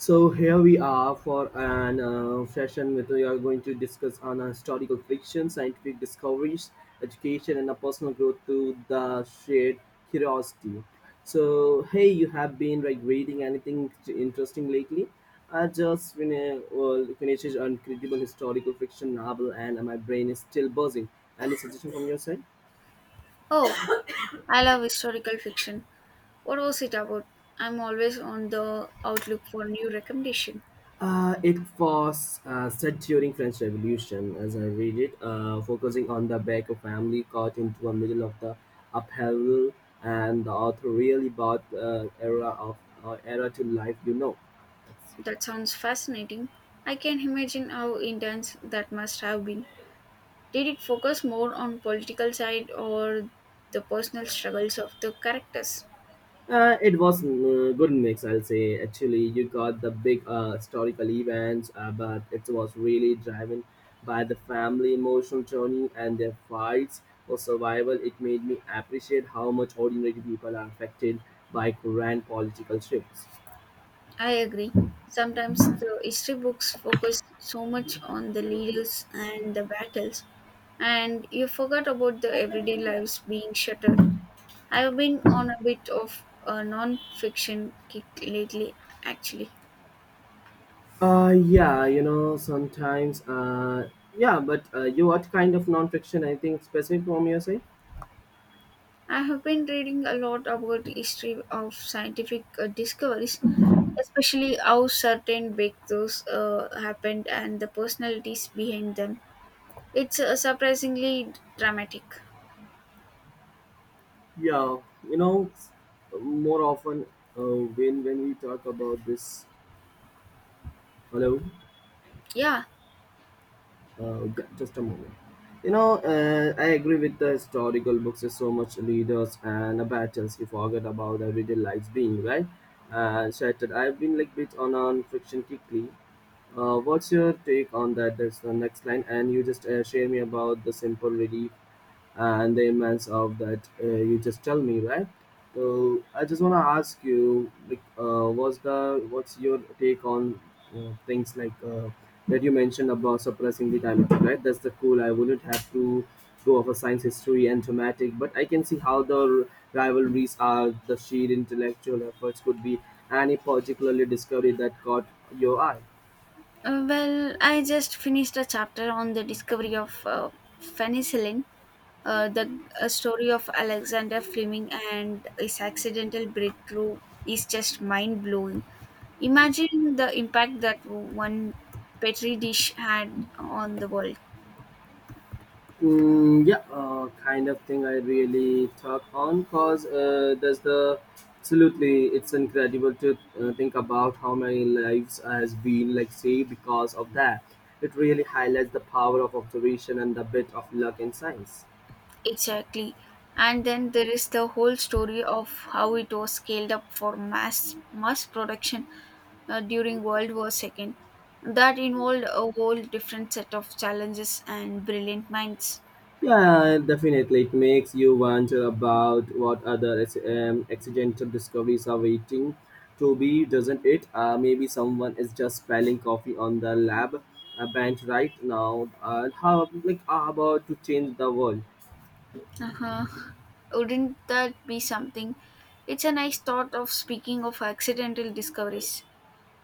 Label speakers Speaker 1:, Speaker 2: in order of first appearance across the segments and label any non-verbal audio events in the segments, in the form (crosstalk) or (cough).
Speaker 1: So here we are for an session where we are going to discuss on historical fiction, scientific discoveries, education, and a personal growth to the shared curiosity. So hey, you have been like reading anything interesting lately? I finished an incredible historical fiction novel, and my brain is still buzzing. Any suggestion from your side?
Speaker 2: Oh, I love historical fiction. What was it about? I'm always on the outlook for new recommendation.
Speaker 1: It was set during French Revolution, as I read it, focusing on the back of family caught into a middle of the upheaval, and the author really brought era to life. You know.
Speaker 2: That sounds fascinating. I can imagine how intense that must have been. Did it focus more on political side or the personal struggles of the characters?
Speaker 1: It was a good mix, I'll say. Actually, you got the big historical events, but it was really driven by the family emotional journey and their fights for survival. It made me appreciate how much ordinary people are affected by grand political shifts.
Speaker 2: I agree. Sometimes the history books focus so much on the leaders and the battles, and you forgot about the everyday lives being shattered. I've been on a bit of a non-fiction kick lately, actually.
Speaker 1: Yeah, you know, sometimes, yeah, but you what kind of nonfiction? I think specific from your side.
Speaker 2: I have been reading a lot about the history of scientific discoveries, especially how certain breakthroughs happened and the personalities behind them. It's surprisingly dramatic.
Speaker 1: Yeah, you know, more often when we talk about this, hello.
Speaker 2: Yeah.
Speaker 1: Yeah, just a moment. You know, I agree with the historical books. There's so much leaders and battles we forget about everyday lives being right. Shattered. I've been like bit on fiction quickly. What's your take on that? That's the next line, and you just share me about the simple relief and the immense of that you just tell me right so I just want to ask you like what's your take on things like that you mentioned about suppressing the time right that's the cool I wouldn't have to go of a science history and thematic but I can see how the rivalries are the sheer intellectual efforts could be any particularly discovery that caught your eye.
Speaker 2: Well, I just finished a chapter on the discovery of penicillin. The story of Alexander Fleming and his accidental breakthrough is just mind blowing. Imagine the impact that one Petri dish had on the world.
Speaker 1: Mm, yeah, kind of thing I really talk on because there's the absolutely it's incredible to think about how many lives has been like saved because of that. It really highlights the power of observation and the bit of luck in science.
Speaker 2: Exactly. And then there is the whole story of how it was scaled up for mass production during World War II. That involved a whole different set of challenges and brilliant minds.
Speaker 1: Yeah, definitely. It makes you wonder about what other accidental discoveries are waiting to be, doesn't it? Maybe someone is just spelling coffee on the lab bench right now. How like how about to change the world?
Speaker 2: Uh-huh. Wouldn't that be something? It's a nice thought of speaking of accidental discoveries.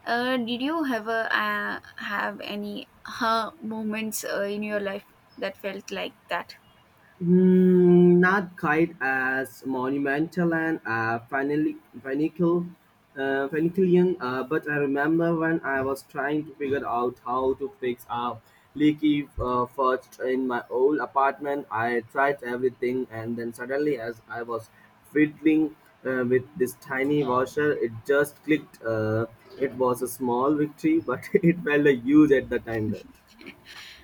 Speaker 2: Did you ever have any huh moments in your life that felt like that?
Speaker 1: Mm, not quite as monumental and finical, finicalian, but I remember when I was trying to figure out how to fix a leaky first in my old apartment. I tried everything, and then suddenly, as I was fiddling with this tiny washer, it just clicked. It was a small victory, but (laughs) it felt a huge at the time.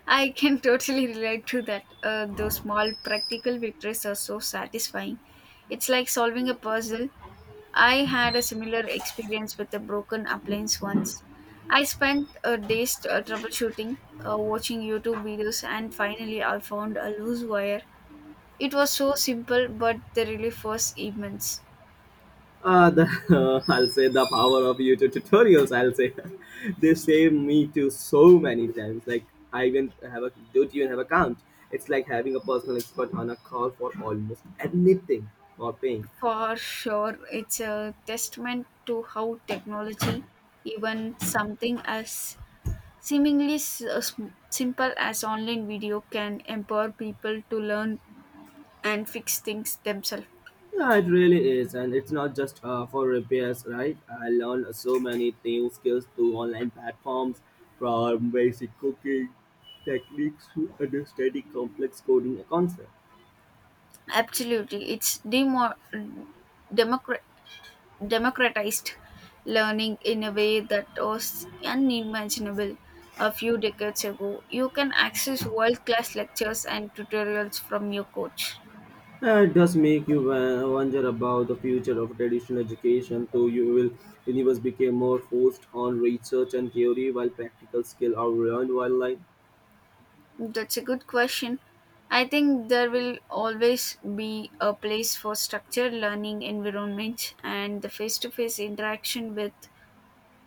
Speaker 2: I can (laughs) totally relate to that. Those small practical victories are so satisfying. It's like solving a puzzle. I had a similar experience with a broken appliance once. I spent days troubleshooting, watching YouTube videos, and finally I found a loose wire. It was so simple, but the relief was immense.
Speaker 1: (laughs) I'll say the power of YouTube tutorials. I'll say (laughs) they save me to so many times. Like I even have a don't even have account. It's like having a personal expert on a call for almost anything or paying.
Speaker 2: For sure, it's a testament to how technology, even something as simple as online video, can empower people to learn and fix things themselves.
Speaker 1: Yeah, it really is, and it's not just for repairs, right? I learned so many new skills through online platforms, from basic cooking techniques to understanding complex coding concepts.
Speaker 2: Absolutely. It's democra- democratized learning in a way that was unimaginable a few decades ago. You can access world class lectures and tutorials from your coach.
Speaker 1: It does make you wonder about the future of traditional education, though you will universe became more focused on research and theory while practical skill are learned while like.
Speaker 2: That's a good question. I think there will always be a place for structured learning environments and the face to face interaction with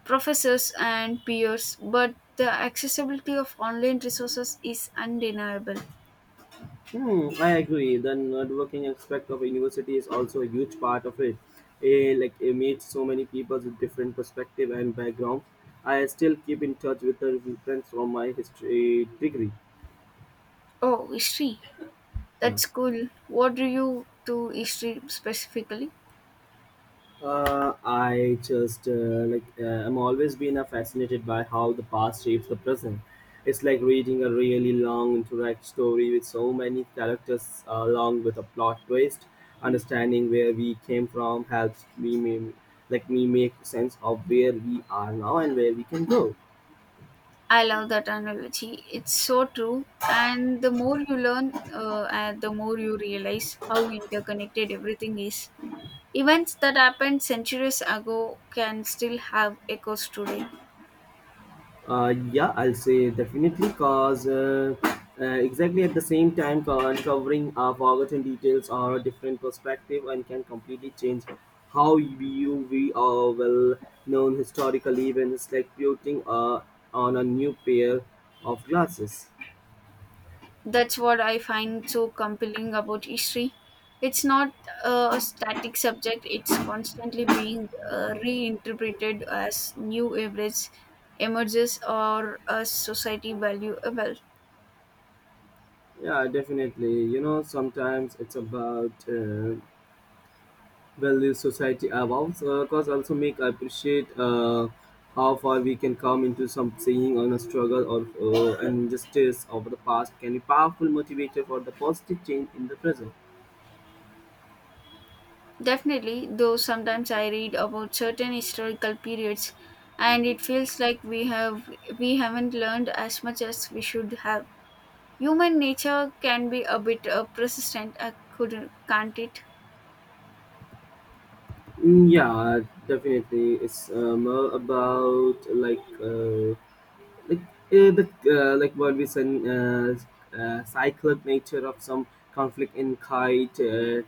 Speaker 2: professors and peers, but the accessibility of online resources is undeniable.
Speaker 1: Hmm, I agree. The networking aspect of university is also a huge part of it. Eh, like it meets so many people with different perspective and backgrounds. I still keep in touch with the friends from my history degree.
Speaker 2: Oh, history.
Speaker 1: Yeah.
Speaker 2: That's cool. What do you do history specifically?
Speaker 1: I just like I'm always been fascinated by how the past shapes the present. It's like reading a really long interact story with so many characters along with a plot twist. Understanding where we came from helps me ma- like me make sense of where we are now and where we can go.
Speaker 2: I love that analogy. It's so true. And the more you learn, and the more you realize how interconnected everything is. Events that happened centuries ago can still have echoes today.
Speaker 1: Yeah, I'll say definitely because exactly at the same time, uncovering forgotten details or a different perspective and can completely change how you view we are well known historical events like putting on a new pair of glasses.
Speaker 2: That's what I find so compelling about history. It's not a static subject. It's constantly being reinterpreted as new evidence emerges or as society value well.
Speaker 1: Yeah, definitely. You know, sometimes it's about well, this society evolves, cause also make I appreciate how far we can come into some saying on a struggle or an injustice of the past can be powerful motivator for the positive change in the present.
Speaker 2: Definitely, though sometimes I read about certain historical periods and it feels like we haven't learned as much as we should have. Human nature can be a bit persistent, couldn't, can't it?
Speaker 1: Mm, yeah, definitely. It's more about like like what we said uh, cyclic nature of some conflict in kite uh,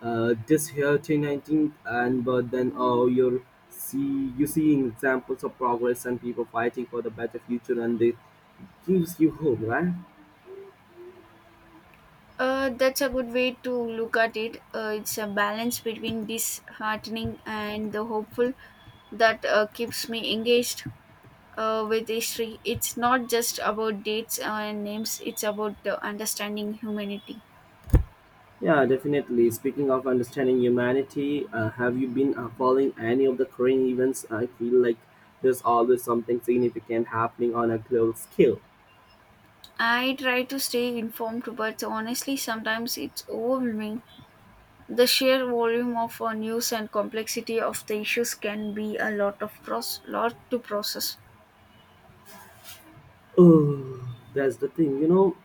Speaker 1: uh, this here 2019 and but then oh you're see you seeing examples of progress and people fighting for the better future and they gives you hope, right?
Speaker 2: That's a good way to look at it. It's a balance between disheartening and the hopeful that keeps me engaged with history. It's not just about dates and names, it's about understanding humanity.
Speaker 1: Yeah, definitely. Speaking of understanding humanity, have you been following any of the current events? I feel like there's always something significant happening on a global scale.
Speaker 2: I try to stay informed, but honestly, sometimes it's overwhelming. The sheer volume of news and complexity of the issues can be a lot of proce- lot to process.
Speaker 1: Oh, that's the thing, you know.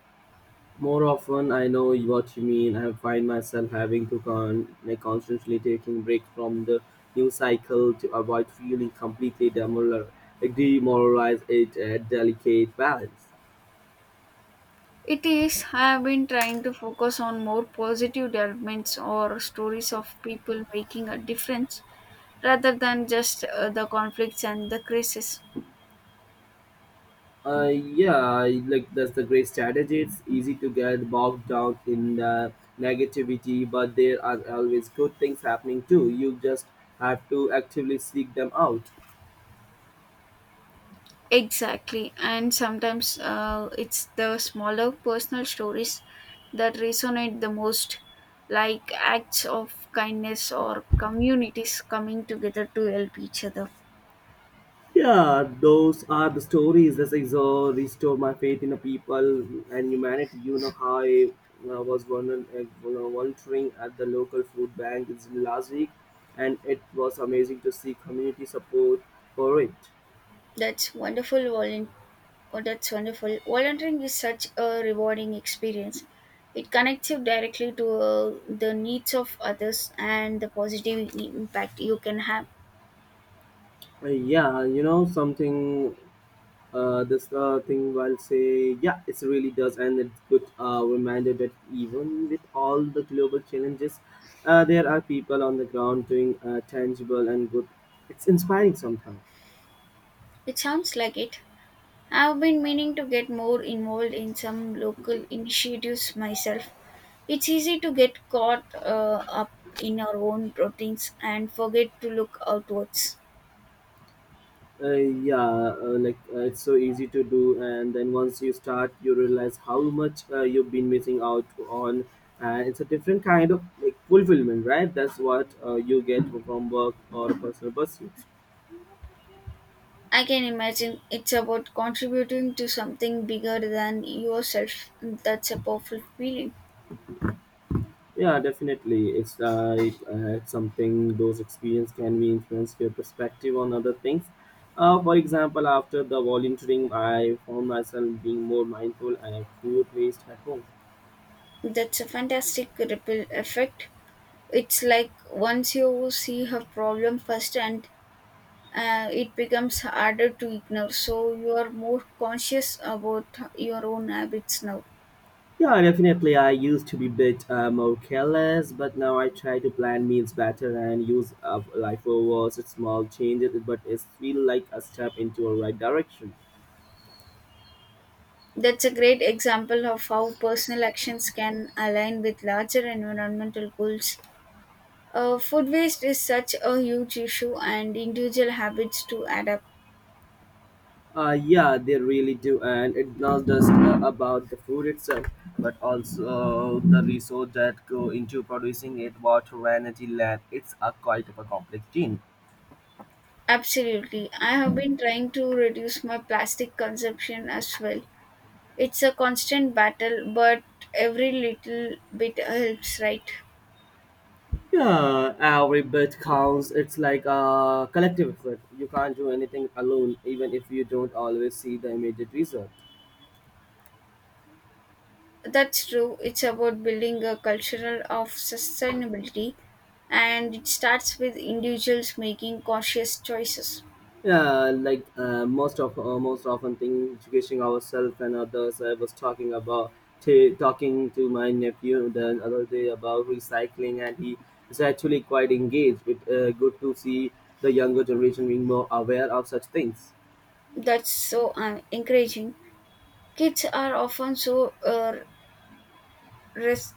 Speaker 1: More often, I know what you mean. I find myself having to constantly taking breaks from the news cycle to avoid feeling completely demoralized. It a delicate balance.
Speaker 2: It is. I have been trying to focus on more positive developments or stories of people making a difference rather than just the conflicts and the crisis.
Speaker 1: Yeah, I- like that's the great strategy. It's easy to get bogged down in the negativity, but there are always good things happening too. You just have to actively seek them out.
Speaker 2: Exactly. And sometimes it's the smaller personal stories that resonate the most, like acts of kindness or communities coming together to help each other.
Speaker 1: Yeah, those are the stories that restore my faith in the people and humanity. You know how I was wondering, you know, wandering at the local food bank this last week, and it was amazing to see community support for it.
Speaker 2: That's wonderful volunteering. Oh, that's wonderful. Volunteering is such a rewarding experience. It connects you directly to the needs of others and the positive impact you can have.
Speaker 1: Yeah, you know something. This thing I'll say, yeah, it really does, and it's good reminder that even with all the global challenges, there are people on the ground doing tangible and good. It's inspiring sometimes.
Speaker 2: It sounds like it. I've been meaning to get more involved in some local initiatives myself. It's easy to get caught up in our own routines and forget to look outwards.
Speaker 1: Uh, it's so easy to do, and then once you start, you realize how much you've been missing out on, and it's a different kind of like fulfillment, right? That's what you get from work or personal pursuits.
Speaker 2: I can imagine it's about contributing to something bigger than yourself. That's a powerful feeling.
Speaker 1: Yeah, definitely. It's it's something those experience can be influence your perspective on other things. For example, after the volunteering, I found myself being more mindful and food waste at home.
Speaker 2: That's a fantastic ripple effect. It's like once you see a problem first and it becomes harder to ignore. So you are more conscious about your own habits now.
Speaker 1: Yeah, definitely. I used to be a bit more careless, but now I try to plan meals better and use lifeovers. It's small changes, but it feels like a step into a right direction.
Speaker 2: That's a great example of how personal actions can align with larger environmental goals. Food waste is such a huge issue, and individual habits to adapt.
Speaker 1: Yeah, they really do, and it's not just about the food itself, but also the resource that go into producing it, water, energy, land. It's a quite of a complex thing.
Speaker 2: Absolutely. I have been trying to reduce my plastic consumption as well. It's a constant battle, but every little bit helps, right?
Speaker 1: Yeah, every bit counts. It's like a collective effort. You can't do anything alone, even if you don't always see the immediate result.
Speaker 2: That's true. It's about building a culture of sustainability, and it starts with individuals making conscious choices.
Speaker 1: Yeah, like most often thing educating ourselves and others. I was talking about talking to my nephew the other day about recycling, and he is actually quite engaged. It good to see the younger generation being more aware of such things.
Speaker 2: That's so encouraging. Kids are often so res-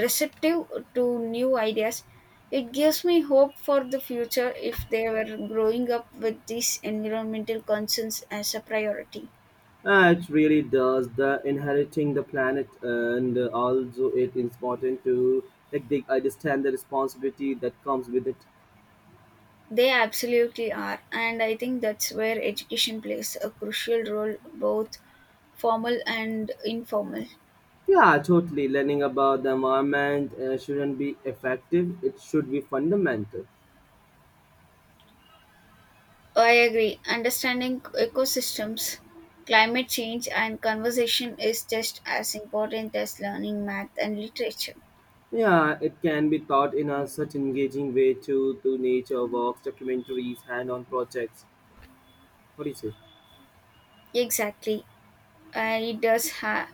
Speaker 2: receptive to new ideas. It gives me hope for the future if they were growing up with these environmental concerns as a priority.
Speaker 1: It really does the inheriting the planet, and also it is important to like they understand the responsibility that comes with it.
Speaker 2: They absolutely are, and I think that's where education plays a crucial role, both formal and informal.
Speaker 1: Yeah, totally. Learning about the environment shouldn't be effective, it should be fundamental.
Speaker 2: Oh, I agree. Understanding ecosystems, climate change, and conversation is just as important as learning math and literature.
Speaker 1: Yeah, it can be taught in a such engaging way too, through nature walks, documentaries, hand on projects. What do you say?
Speaker 2: Exactly. Uh, it does have.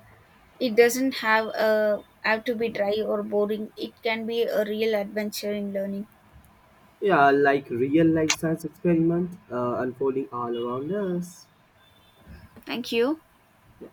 Speaker 2: It doesn't have a have to be dry or boring. It can be a real adventure in learning.
Speaker 1: Yeah, like real life science experiment unfolding all around us.
Speaker 2: Thank you.
Speaker 1: Yeah.